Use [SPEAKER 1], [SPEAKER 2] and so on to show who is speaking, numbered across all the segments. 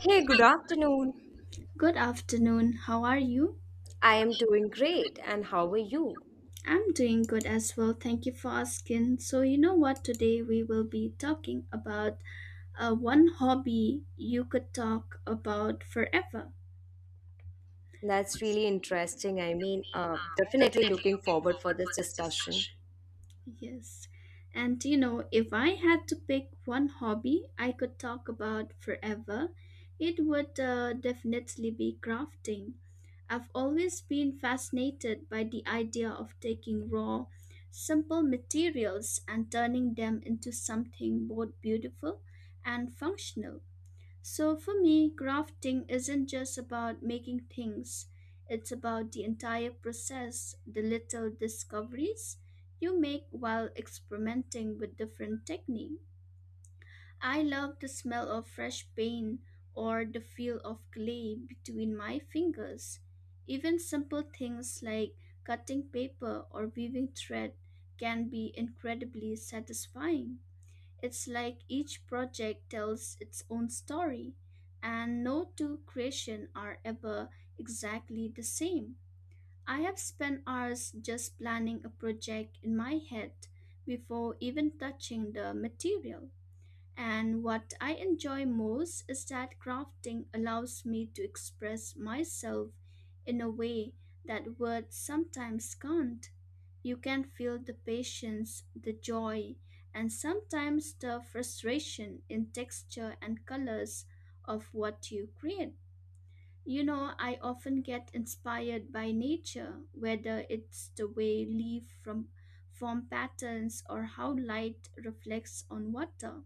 [SPEAKER 1] Hey, good afternoon.
[SPEAKER 2] Good afternoon. How are you?
[SPEAKER 1] I am doing great. And how are you?
[SPEAKER 2] I'm doing good as well. Thank you for asking. So, you know what? Today we will be talking about one hobby you could talk about forever.
[SPEAKER 1] That's really interesting. I mean, definitely looking forward for this discussion.
[SPEAKER 2] Yes. And you know, if I had to pick one hobby I could talk about forever, it would definitely be crafting. I've always been fascinated by the idea of taking raw, simple materials and turning them into something both beautiful and functional. So for me, crafting isn't just about making things, it's about the entire process, the little discoveries you make while experimenting with different techniques. I love the smell of fresh paint or the feel of clay between my fingers. Even simple things like cutting paper or weaving thread can be incredibly satisfying. It's like each project tells its own story, and no two creations are ever exactly the same. I have spent hours just planning a project in my head before even touching the material. And what I enjoy most is that crafting allows me to express myself in a way that words sometimes can't. You can feel the patience, the joy, and sometimes the frustration in texture and colors of what you create. You know, I often get inspired by nature, whether it's the way leaves from form patterns or how light reflects on water.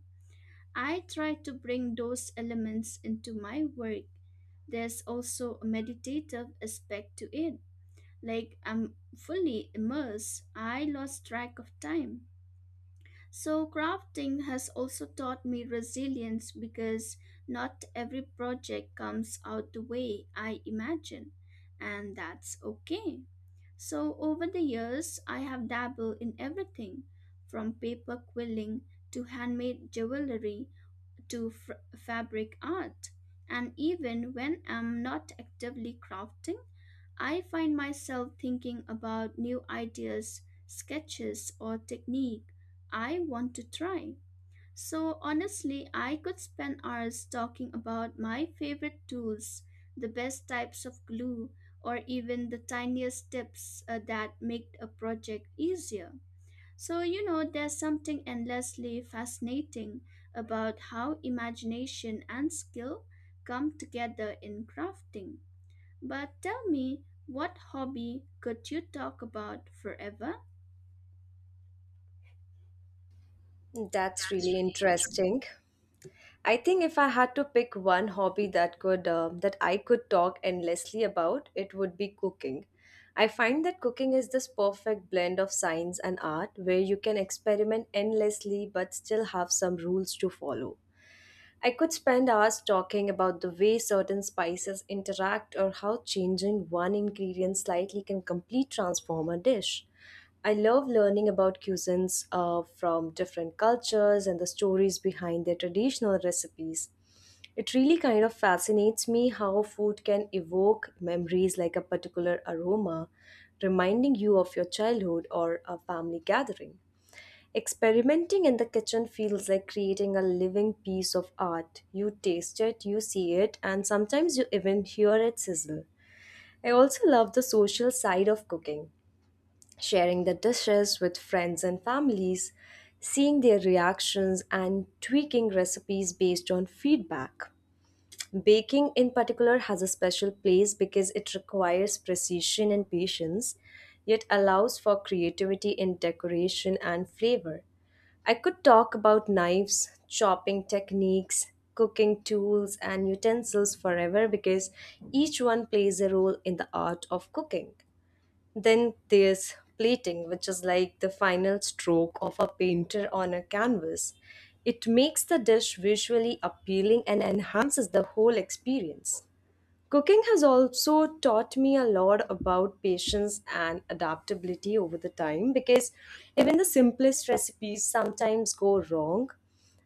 [SPEAKER 2] I try to bring those elements into my work. There's also a meditative aspect to it like I'm fully immersed, I lost track of time. So, crafting has also taught me resilience because not every project comes out the way I imagine, and that's okay. So, over the years, I have dabbled in everything from paper quilling to handmade jewelry to fabric art. And even when I'm not actively crafting, I find myself thinking about new ideas, sketches, or technique I want to try. So honestly, I could spend hours talking about my favorite tools, the best types of glue, or even the tiniest tips that make a project easier. So, you know, there's something endlessly fascinating about how imagination and skill come together in crafting. But tell me, what hobby could you talk about forever?
[SPEAKER 1] That's really interesting. I think if I had to pick one hobby that could that I could talk endlessly about, it would be cooking. I find that cooking is this perfect blend of science and art where you can experiment endlessly but still have some rules to follow. I could spend hours talking about the way certain spices interact or how changing one ingredient slightly can completely transform a dish. I love learning about cuisines from different cultures and the stories behind their traditional recipes. It really kind of fascinates me how food can evoke memories like a particular aroma, reminding you of your childhood or a family gathering. Experimenting in the kitchen feels like creating a living piece of art. You taste it, you see it, and sometimes you even hear it sizzle. I also love the social side of cooking, sharing the dishes with friends and families, seeing their reactions, and tweaking recipes based on feedback. Baking, in particular, has a special place because it requires precision and patience, yet allows for creativity in decoration and flavor. I could talk about knives, chopping techniques, cooking tools, and utensils forever because each one plays a role in the art of cooking. Then there's plating, which is like the final stroke of a painter on a canvas. It makes the dish visually appealing and enhances the whole experience. Cooking has also taught me a lot about patience and adaptability over the time because even the simplest recipes sometimes go wrong.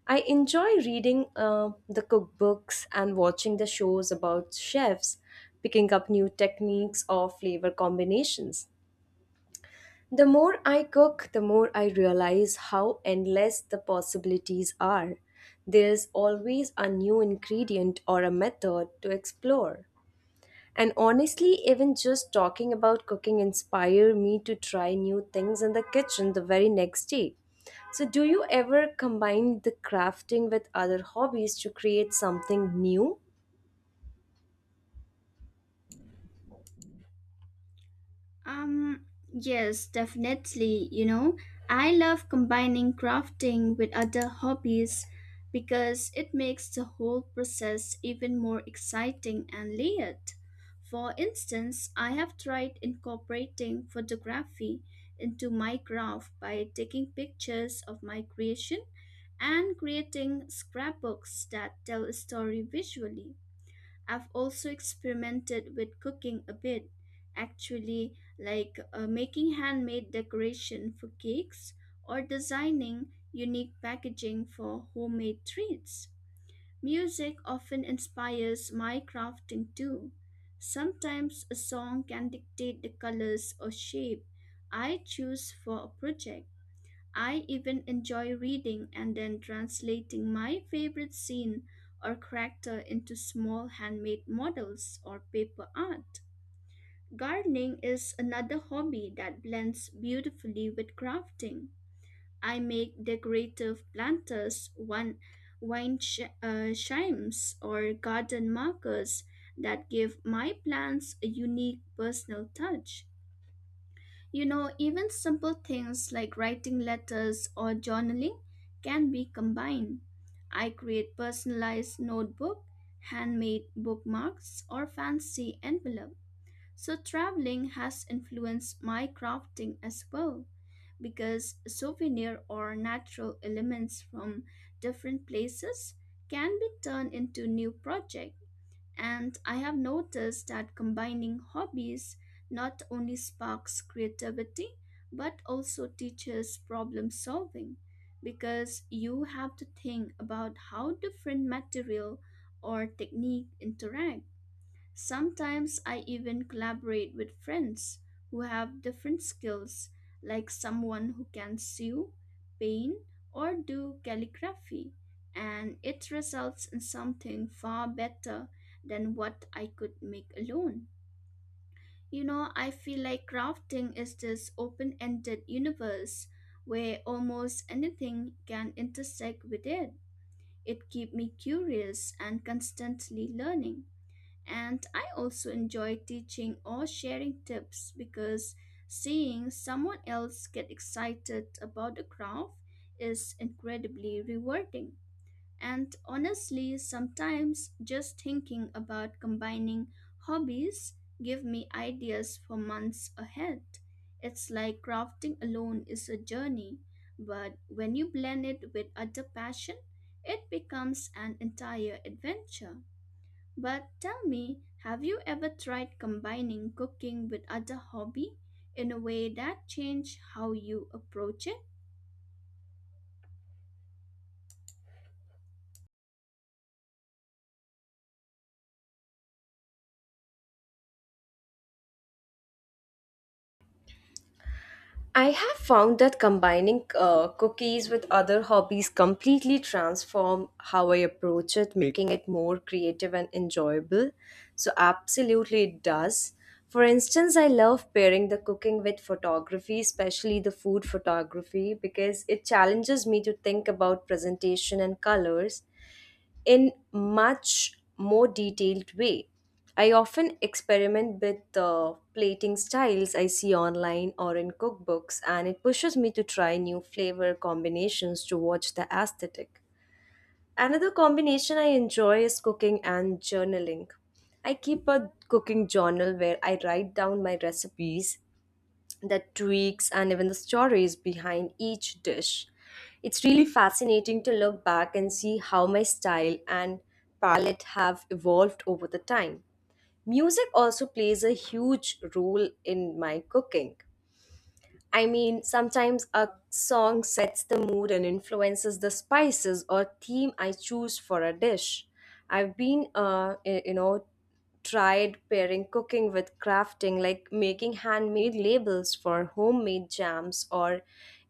[SPEAKER 1] I enjoy reading the cookbooks and watching the shows about chefs picking up new techniques or flavor combinations. The more I cook, the more I realize how endless the possibilities are. There's always a new ingredient or a method to explore. And honestly, even just talking about cooking inspired me to try new things in the kitchen the very next day. So, do you ever combine the crafting with other hobbies to create something new?
[SPEAKER 2] Um, yes, definitely. You know, I love combining crafting with other hobbies because it makes the whole process even more exciting and layered. For instance, I have tried incorporating photography into my craft by taking pictures of my creation and creating scrapbooks that tell a story visually. I've also experimented with cooking a bit, actually, like making handmade decoration for cakes or designing unique packaging for homemade treats. Music often inspires my crafting too. Sometimes a song can dictate the colors or shape I choose for a project. I even enjoy reading and then translating my favorite scene or character into small handmade models or paper art. Gardening is another hobby that blends beautifully with crafting. I make decorative planters, one, chimes, or garden markers that give my plants a unique personal touch. You know, even simple things like writing letters or journaling can be combined. I create personalized notebook, handmade bookmarks, or fancy envelope. So traveling has influenced my crafting as well because souvenir or natural elements from different places can be turned into new projects. And I have noticed that combining hobbies not only sparks creativity but also teaches problem solving because you have to think about how different material or technique interact. Sometimes I even collaborate with friends who have different skills, like someone who can sew, paint, or do calligraphy, and it results in something far better than what I could make alone. You know, I feel like crafting is this open ended universe where almost anything can intersect with it. It keeps me curious and constantly learning. And I also enjoy teaching or sharing tips because seeing someone else get excited about a craft is incredibly rewarding. And honestly, sometimes just thinking about combining hobbies give me ideas for months ahead. It's like crafting alone is a journey, but when you blend it with other passion, it becomes an entire adventure. But tell me, have you ever tried combining cooking with other hobby in a way that changed how you approach it?
[SPEAKER 1] I have found that combining cookies with other hobbies completely transform how I approach it, making it more creative and enjoyable. So absolutely it does. For instance, I love pairing the cooking with photography, especially the food photography, because it challenges me to think about presentation and colors in much more detailed way. I often experiment with the plating styles I see online or in cookbooks, and it pushes me to try new flavor combinations to watch the aesthetic. Another combination I enjoy is cooking and journaling. I keep a cooking journal where I write down my recipes, the tweaks and even the stories behind each dish. It's really fascinating to look back and see how my style and palette have evolved over the time. Music also plays a huge role in my cooking. I mean, sometimes a song sets the mood and influences the spices or theme I choose for a dish. I've been, y- you know, Tried pairing cooking with crafting, like making handmade labels for homemade jams or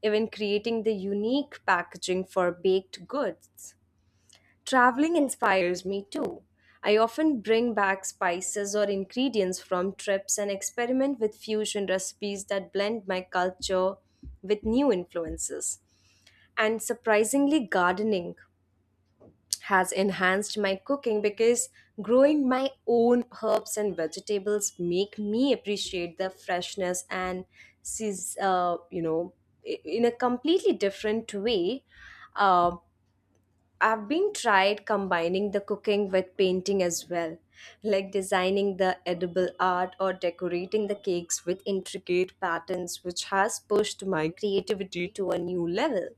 [SPEAKER 1] even creating the unique packaging for baked goods. Traveling inspires me too. I often bring back spices or ingredients from trips and experiment with fusion recipes that blend my culture with new influences. And surprisingly, gardening has enhanced my cooking because growing my own herbs and vegetables make me appreciate the freshness and seas- uh, you know in a completely different way Uh. I've been tried combining the cooking with painting as well, like designing the edible art or decorating the cakes with intricate patterns, which has pushed my creativity to a new level.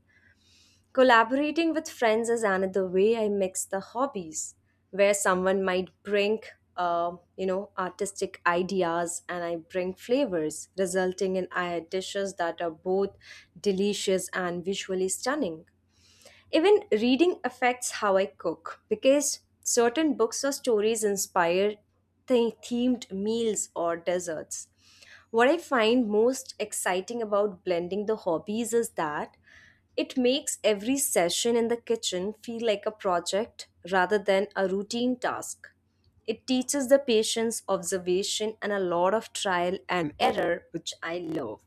[SPEAKER 1] Collaborating with friends is another way I mix the hobbies, where someone might bring artistic ideas and I bring flavors, resulting in dishes that are both delicious and visually stunning. Even reading affects how I cook because certain books or stories inspire the themed meals or desserts. What I find most exciting about blending the hobbies is that it makes every session in the kitchen feel like a project rather than a routine task. It teaches the patience, observation, and a lot of trial and error, which I love.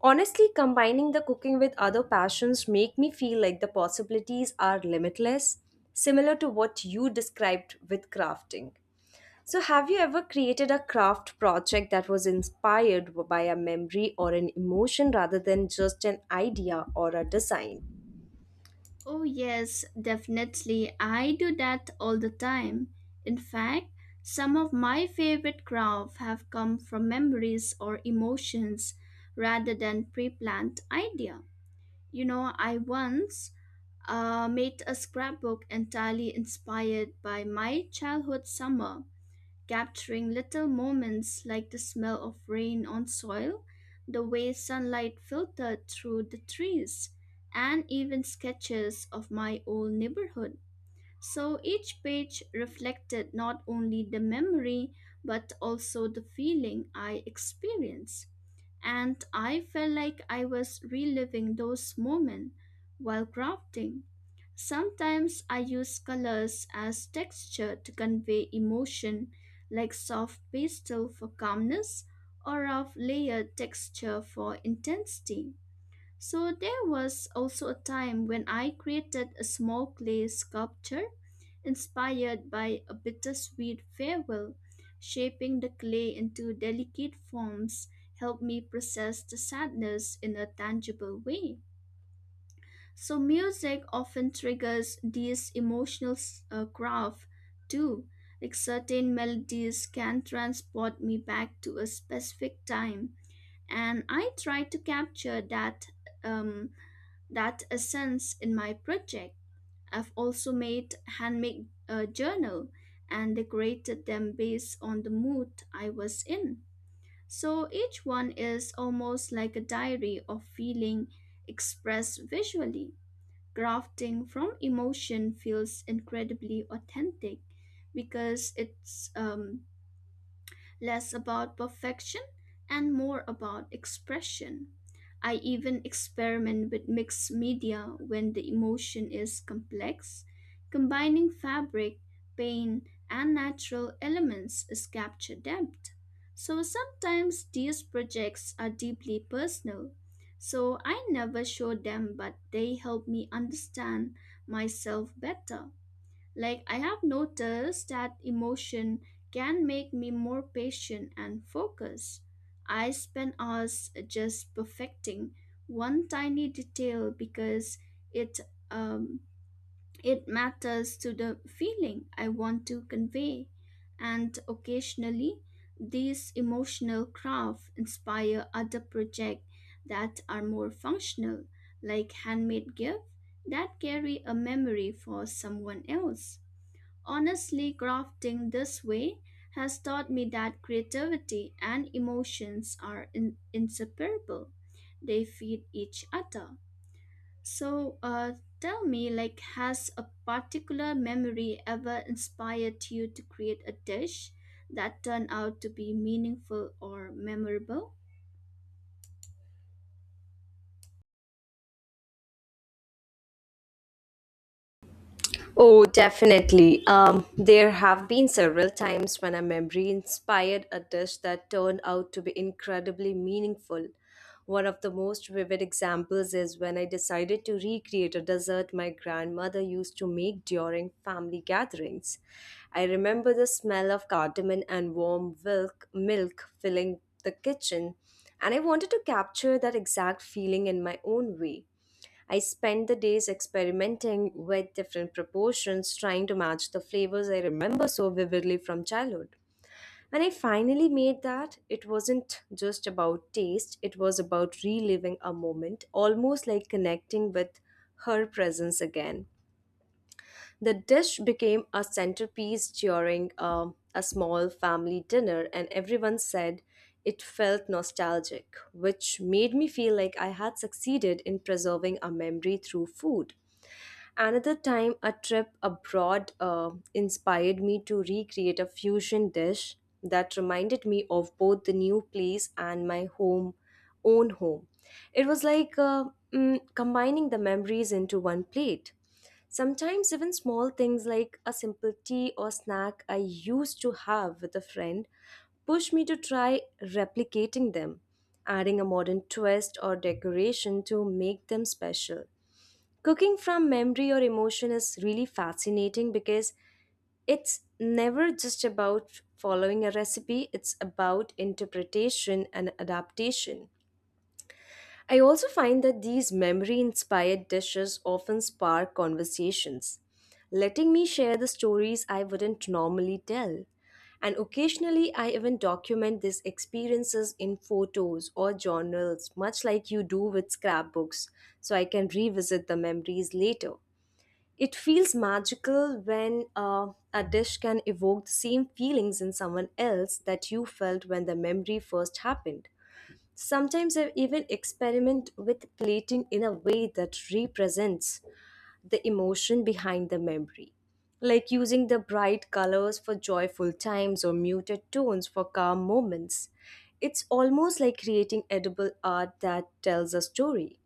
[SPEAKER 1] Honestly, combining the cooking with other passions make me feel like the possibilities are limitless, similar to what you described with crafting. So, have you ever created a craft project that was inspired by a memory or an emotion rather than just an idea or a design?
[SPEAKER 2] Oh yes, definitely. I do that all the time. In fact, some of my favorite crafts have come from memories or emotions rather than pre-planned idea. You know, I once made a scrapbook entirely inspired by my childhood summer capturing little moments like the smell of rain on soil, the way sunlight filtered through the trees, and even sketches of my old neighborhood. So each page reflected not only the memory but also the feeling I experienced and I felt like I was reliving those moments while crafting. Sometimes I use colors as texture to convey emotion, like soft pastel for calmness or of layered texture for intensity. So there was also a time when I created a small clay sculpture inspired by a bittersweet farewell, shaping the clay into delicate forms helped me process the sadness in a tangible way. So, music often triggers these emotional graph too. Like certain melodies can transport me back to a specific time, and I try to capture that um, that essence in my project. I've also made handmade journal and decorated them based on the mood I was in. So each one is almost like a diary of feeling expressed visually. Crafting from emotion feels incredibly authentic because it's less about perfection and more about expression. I even experiment with mixed media when the emotion is complex. Combining fabric, paint, and natural elements is capture depth. So sometimes these projects are deeply personal. So I never show them, but they help me understand myself better. Like, I have noticed that emotion can make me more patient and focused. I spend hours just perfecting one tiny detail because it um, it matters to the feeling I want to convey. And occasionally, these emotional crafts inspire other projects that are more functional, like handmade gifts that carry a memory for someone else. Honestly, crafting this way has taught me that creativity and emotions are inseparable. They feed each other. So, tell me, like, has a particular memory ever inspired you to create a dish that turned out to be meaningful or memorable?
[SPEAKER 1] Oh, definitely. There have been several times when a memory inspired a dish that turned out to be incredibly meaningful. One of the most vivid examples is when I decided to recreate a dessert my grandmother used to make during family gatherings. I remember the smell of cardamom and warm milk filling the kitchen, and I wanted to capture that exact feeling in my own way. I spent the days experimenting with different proportions, trying to match the flavors I remember so vividly from childhood. When I finally made that, it wasn't just about taste, it was about reliving a moment, almost like connecting with her presence again. The dish became a centerpiece during a small family dinner, and everyone said it felt nostalgic, which made me feel like I had succeeded in preserving a memory through food. Another time, a trip abroad inspired me to recreate a fusion dish that reminded me of both the new place and my own home. It was like combining the memories into one plate. Sometimes, even small things like a simple tea or snack I used to have with a friend pushed me to try replicating them, adding a modern twist or decoration to make them special. Cooking from memory or emotion is really fascinating because it's never just about following a recipe, it's about interpretation and adaptation. I also find that these memory inspired dishes often spark conversations, letting me share the stories I wouldn't normally tell. And occasionally, I even document these experiences in photos or journals, much like you do with scrapbooks, so I can revisit the memories later. It feels magical when a dish can evoke the same feelings in someone else that you felt when the memory first happened. Sometimes I even experiment with plating in a way that represents the emotion behind the memory, like using the bright colors for joyful times or muted tones for calm moments. It's almost like creating edible art that tells a story.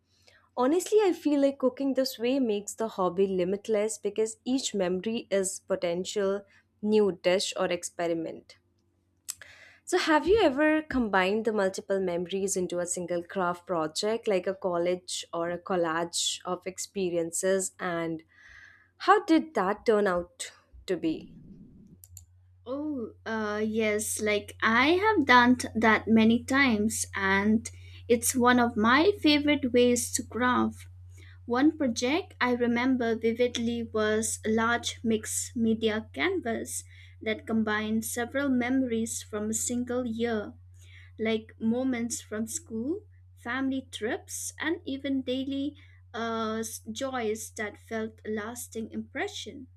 [SPEAKER 1] Honestly, I feel like cooking this way makes the hobby limitless because each memory is potential new dish or experiment. So, have you ever combined the multiple memories into a single craft project, like a college or a collage of experiences? And how did that turn out to be?
[SPEAKER 2] Oh, yes, like I have done that many times, and it's one of my favorite ways to craft. One project I remember vividly was a large mixed media canvas that combined several memories from a single year, like moments from school, family trips, and even daily uh, joys that felt a lasting impression.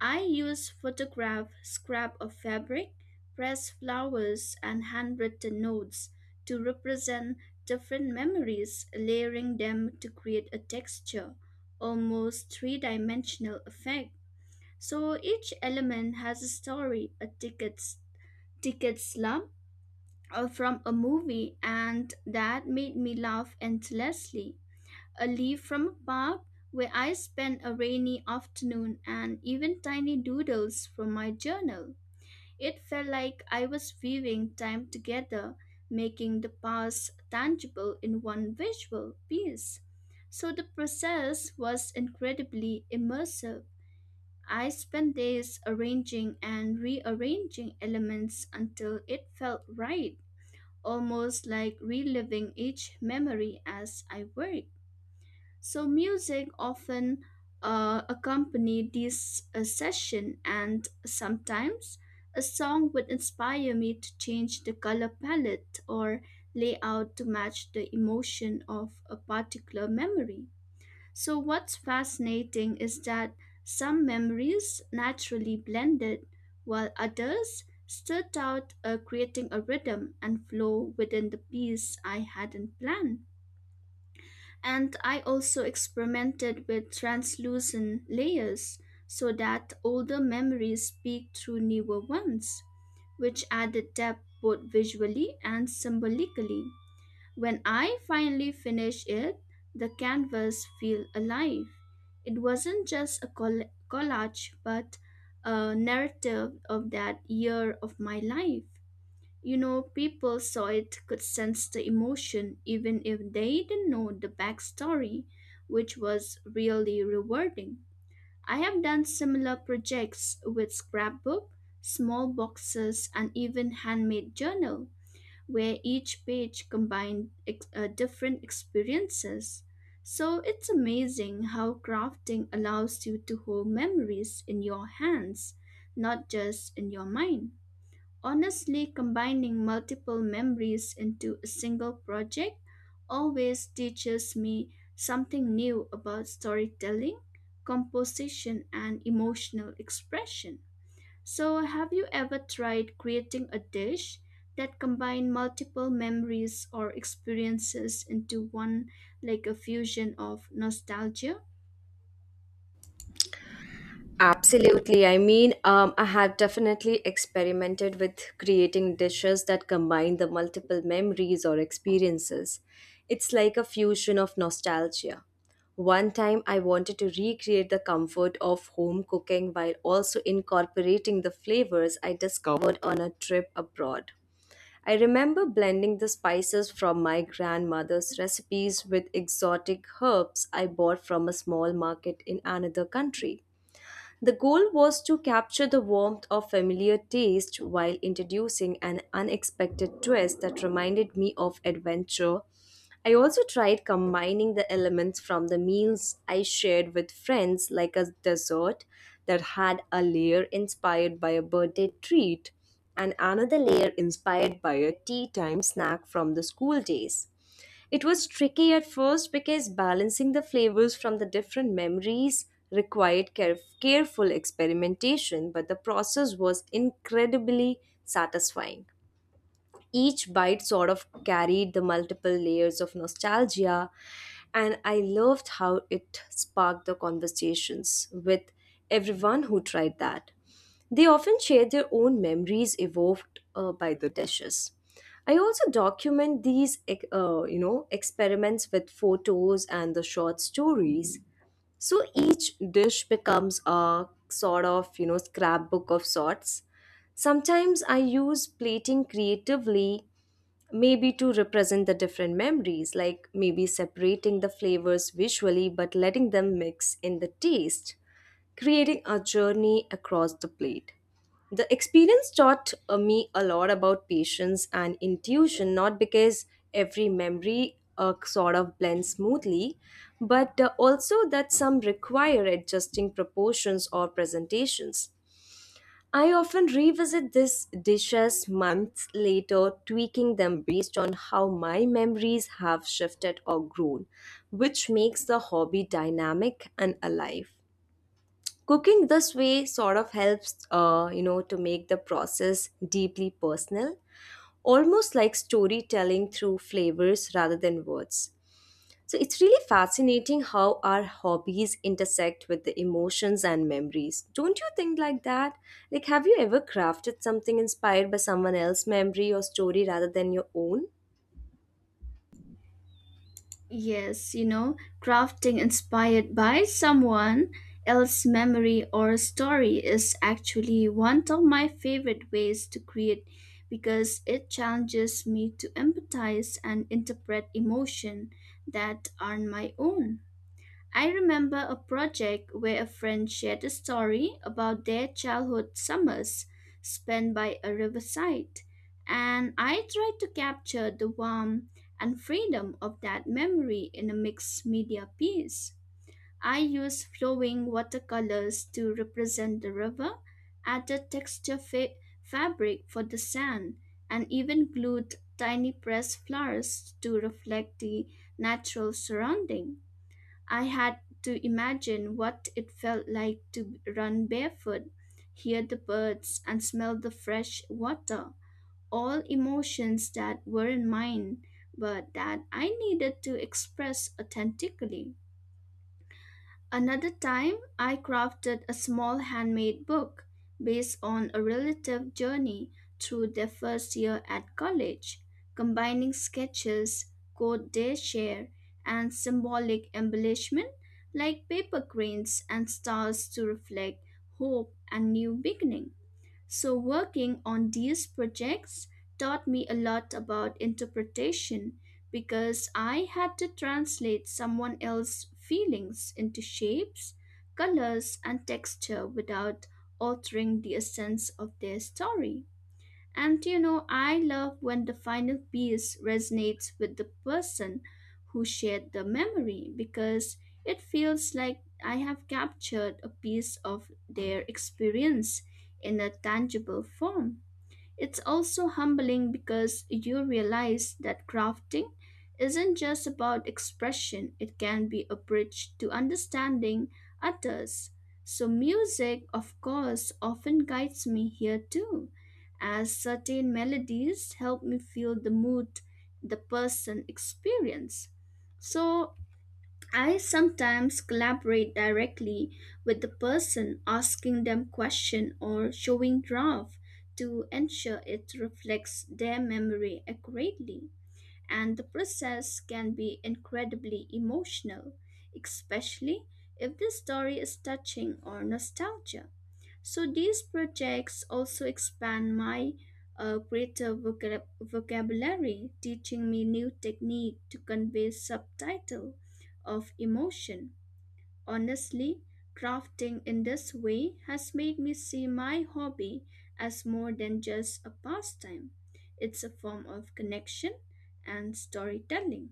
[SPEAKER 2] I use photograph scrap of fabric, pressed flowers, and handwritten notes to represent different memories, layering them to create a texture, almost three dimensional effect. So each element has a story, a ticket slump, or from a movie, and that made me laugh endlessly a leaf from a park where I spent a rainy afternoon and even tiny doodles from my journal. It felt like I was weaving time together, making the past tangible in one visual piece. So the process was incredibly immersive. I spent days arranging and rearranging elements until it felt right, almost like reliving each memory as I worked. So music often accompanied this session, and sometimes a song would inspire me to change the color palette or layout to match the emotion of a particular memory. So what's fascinating is that some memories naturally blended, while others stood out, creating a rhythm and flow within the piece I hadn't planned. And I also experimented with translucent layers so that older memories speak through newer ones, which added depth both visually and symbolically. When I finally finished it, the canvas felt alive. It wasn't just a collage, but a narrative of that year of my life. You know, people saw it, could sense the emotion, even if they didn't know the backstory, which was really rewarding. I have done similar projects with scrapbook, small boxes, and even handmade journal, where each page combined different experiences. So it's amazing how crafting allows you to hold memories in your hands, not just in your mind. Honestly, combining multiple memories into a single project always teaches me something new about storytelling, composition, and emotional expression. So, have you ever tried creating a dish that combined multiple memories or experiences into one, like a fusion of nostalgia?
[SPEAKER 1] Absolutely. I mean, I have definitely experimented with creating dishes that combine the multiple memories or experiences. It's like a fusion of nostalgia. One time, I wanted to recreate the comfort of home cooking while also incorporating the flavors I discovered on a trip abroad. I remember blending the spices from my grandmother's recipes with exotic herbs I bought from a small market in another country. The goal was to capture the warmth of familiar taste while introducing an unexpected twist that reminded me of adventure. I also tried combining the elements from the meals I shared with friends, like a dessert that had a layer inspired by a birthday treat and another layer inspired by a tea time snack from the school days. It was tricky at first because balancing the flavors from the different memories required careful experimentation, but the process was incredibly satisfying. Each bite sort of carried the multiple layers of nostalgia, and I loved how it sparked the conversations with everyone who tried that. They often share their own memories evoked by the dishes. I also document these experiments with photos and the short stories. So each dish becomes a sort of, you know, scrapbook of sorts. Sometimes I use plating creatively. Maybe to represent the different memories, like maybe separating the flavors visually but letting them mix in the taste, creating a journey across the plate. The experience taught me a lot about patience and intuition, not because every memory sort of blends smoothly, but also that some require adjusting proportions or presentations. I often revisit these dishes months later, tweaking them based on how my memories have shifted or grown, which makes the hobby dynamic and alive. Cooking this way sort of helps, you know, to make the process deeply personal, almost like storytelling through flavors rather than words. So it's really fascinating how our hobbies intersect with the emotions and memories. Don't you think like that? Like, have you ever crafted something inspired by someone else's memory or story rather than your own?
[SPEAKER 2] Yes, you know, crafting inspired by someone else's memory or story is actually one of my favorite ways to create because it challenges me to empathize and interpret emotion that aren't my own. I remember a project where a friend shared a story about their childhood summers spent by a riverside, and I tried to capture the warmth and freedom of that memory in a mixed media piece. I used flowing watercolors to represent the river, added texture fabric for the sand, and even glued tiny pressed flowers to reflect the natural surrounding. I had to imagine what it felt like to run barefoot, hear the birds, and smell the fresh water. All emotions that weren't mine, but that I needed to express authentically. Another time, I crafted a small handmade book based on a relative journey through their first year at college, combining sketches, quote they share, and symbolic embellishment like paper cranes and stars to reflect hope and new beginning. So, working on these projects taught me a lot about interpretation because I had to translate someone else's feelings into shapes, colors, and texture without altering the essence of their story. And you know, I love when the final piece resonates with the person who shared the memory because it feels like I have captured a piece of their experience in a tangible form. It's also humbling because you realize that crafting isn't just about expression, it can be a bridge to understanding others. So, music, of course, often guides me here too, as certain melodies help me feel the mood the person experience. So, I sometimes collaborate directly with the person asking them question or showing draft to ensure it reflects their memory accurately. And the process can be incredibly emotional, especially if the story is touching or nostalgia. So these projects also expand my creative vocabulary, teaching me new technique to convey subtitle of emotion. Honestly, crafting in this way has made me see my hobby as more than just a pastime. It's a form of connection and storytelling.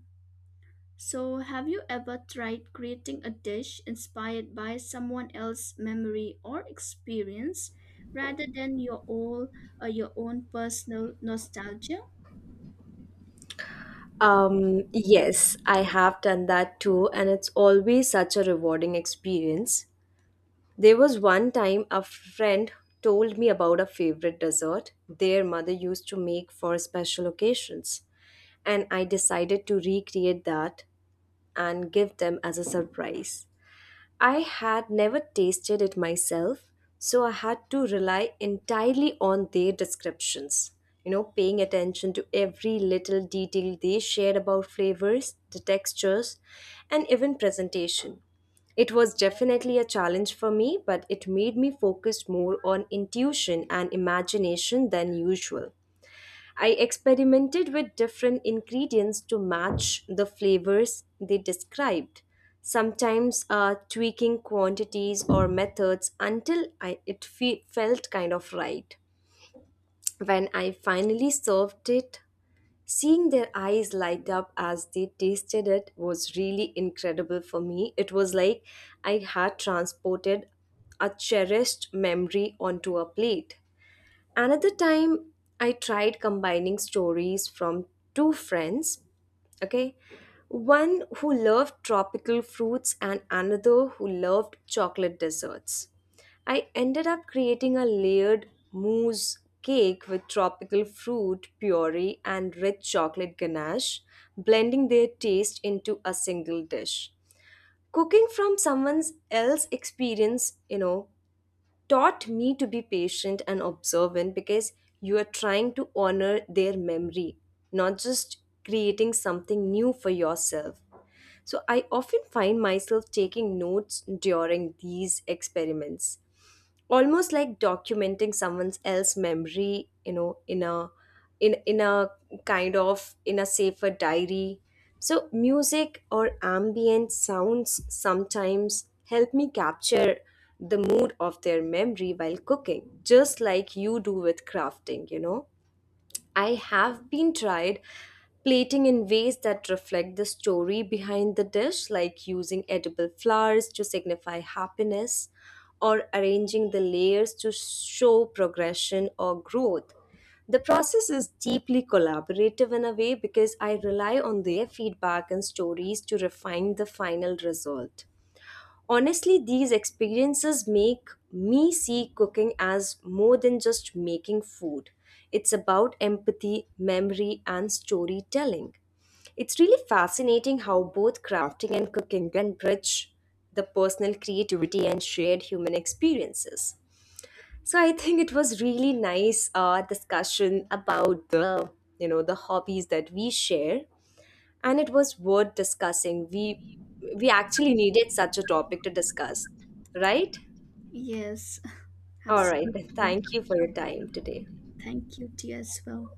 [SPEAKER 2] So, have you ever tried creating a dish inspired by someone else's memory or experience rather than your own or your own personal nostalgia?
[SPEAKER 1] Yes, I have done that too, and it's always such a rewarding experience. There was one time a friend told me about a favorite dessert their mother used to make for special occasions, and I decided to recreate that and give them as a surprise. I had never tasted it myself, so I had to rely entirely on their descriptions. You know, paying attention to every little detail they shared about flavors, the textures, and even presentation. It was definitely a challenge for me, but it made me focus more on intuition and imagination than usual. I experimented with different ingredients to match the flavors they described, sometimes tweaking quantities or methods until felt kind of right. When I finally served it, seeing their eyes light up as they tasted it was really incredible for me. It was like I had transported a cherished memory onto a plate. Another time, I tried combining stories from two friends, okay? One who loved tropical fruits and another who loved chocolate desserts. I ended up creating a layered mousse cake with tropical fruit puree and rich chocolate ganache, blending their taste into a single dish. Cooking from someone else's experience, you know, taught me to be patient and observant because you are trying to honor their memory, not just creating something new for yourself. So I often find myself taking notes during these experiments, almost like documenting someone's else memory, you know, in a in in a kind of in a safer diary. So music or ambient sounds sometimes help me capture the mood of their memory while cooking, just like you do with crafting, you know, I have been tried plating in ways that reflect the story behind the dish, like using edible flowers to signify happiness or arranging the layers to show progression or growth. The process is deeply collaborative in a way because I rely on their feedback and stories to refine the final result. Honestly, these experiences make me see cooking as more than just making food. It's about empathy, memory, and storytelling. It's really fascinating how both crafting and cooking can bridge the personal creativity and shared human experiences. So I think it was really nice discussion about the, you know, the hobbies that we share and it was worth discussing. We actually needed such a topic to discuss, right?
[SPEAKER 2] Yes,
[SPEAKER 1] All right.
[SPEAKER 2] absolutely.
[SPEAKER 1] Thank you for your time today.
[SPEAKER 2] Thank you, dear, as well.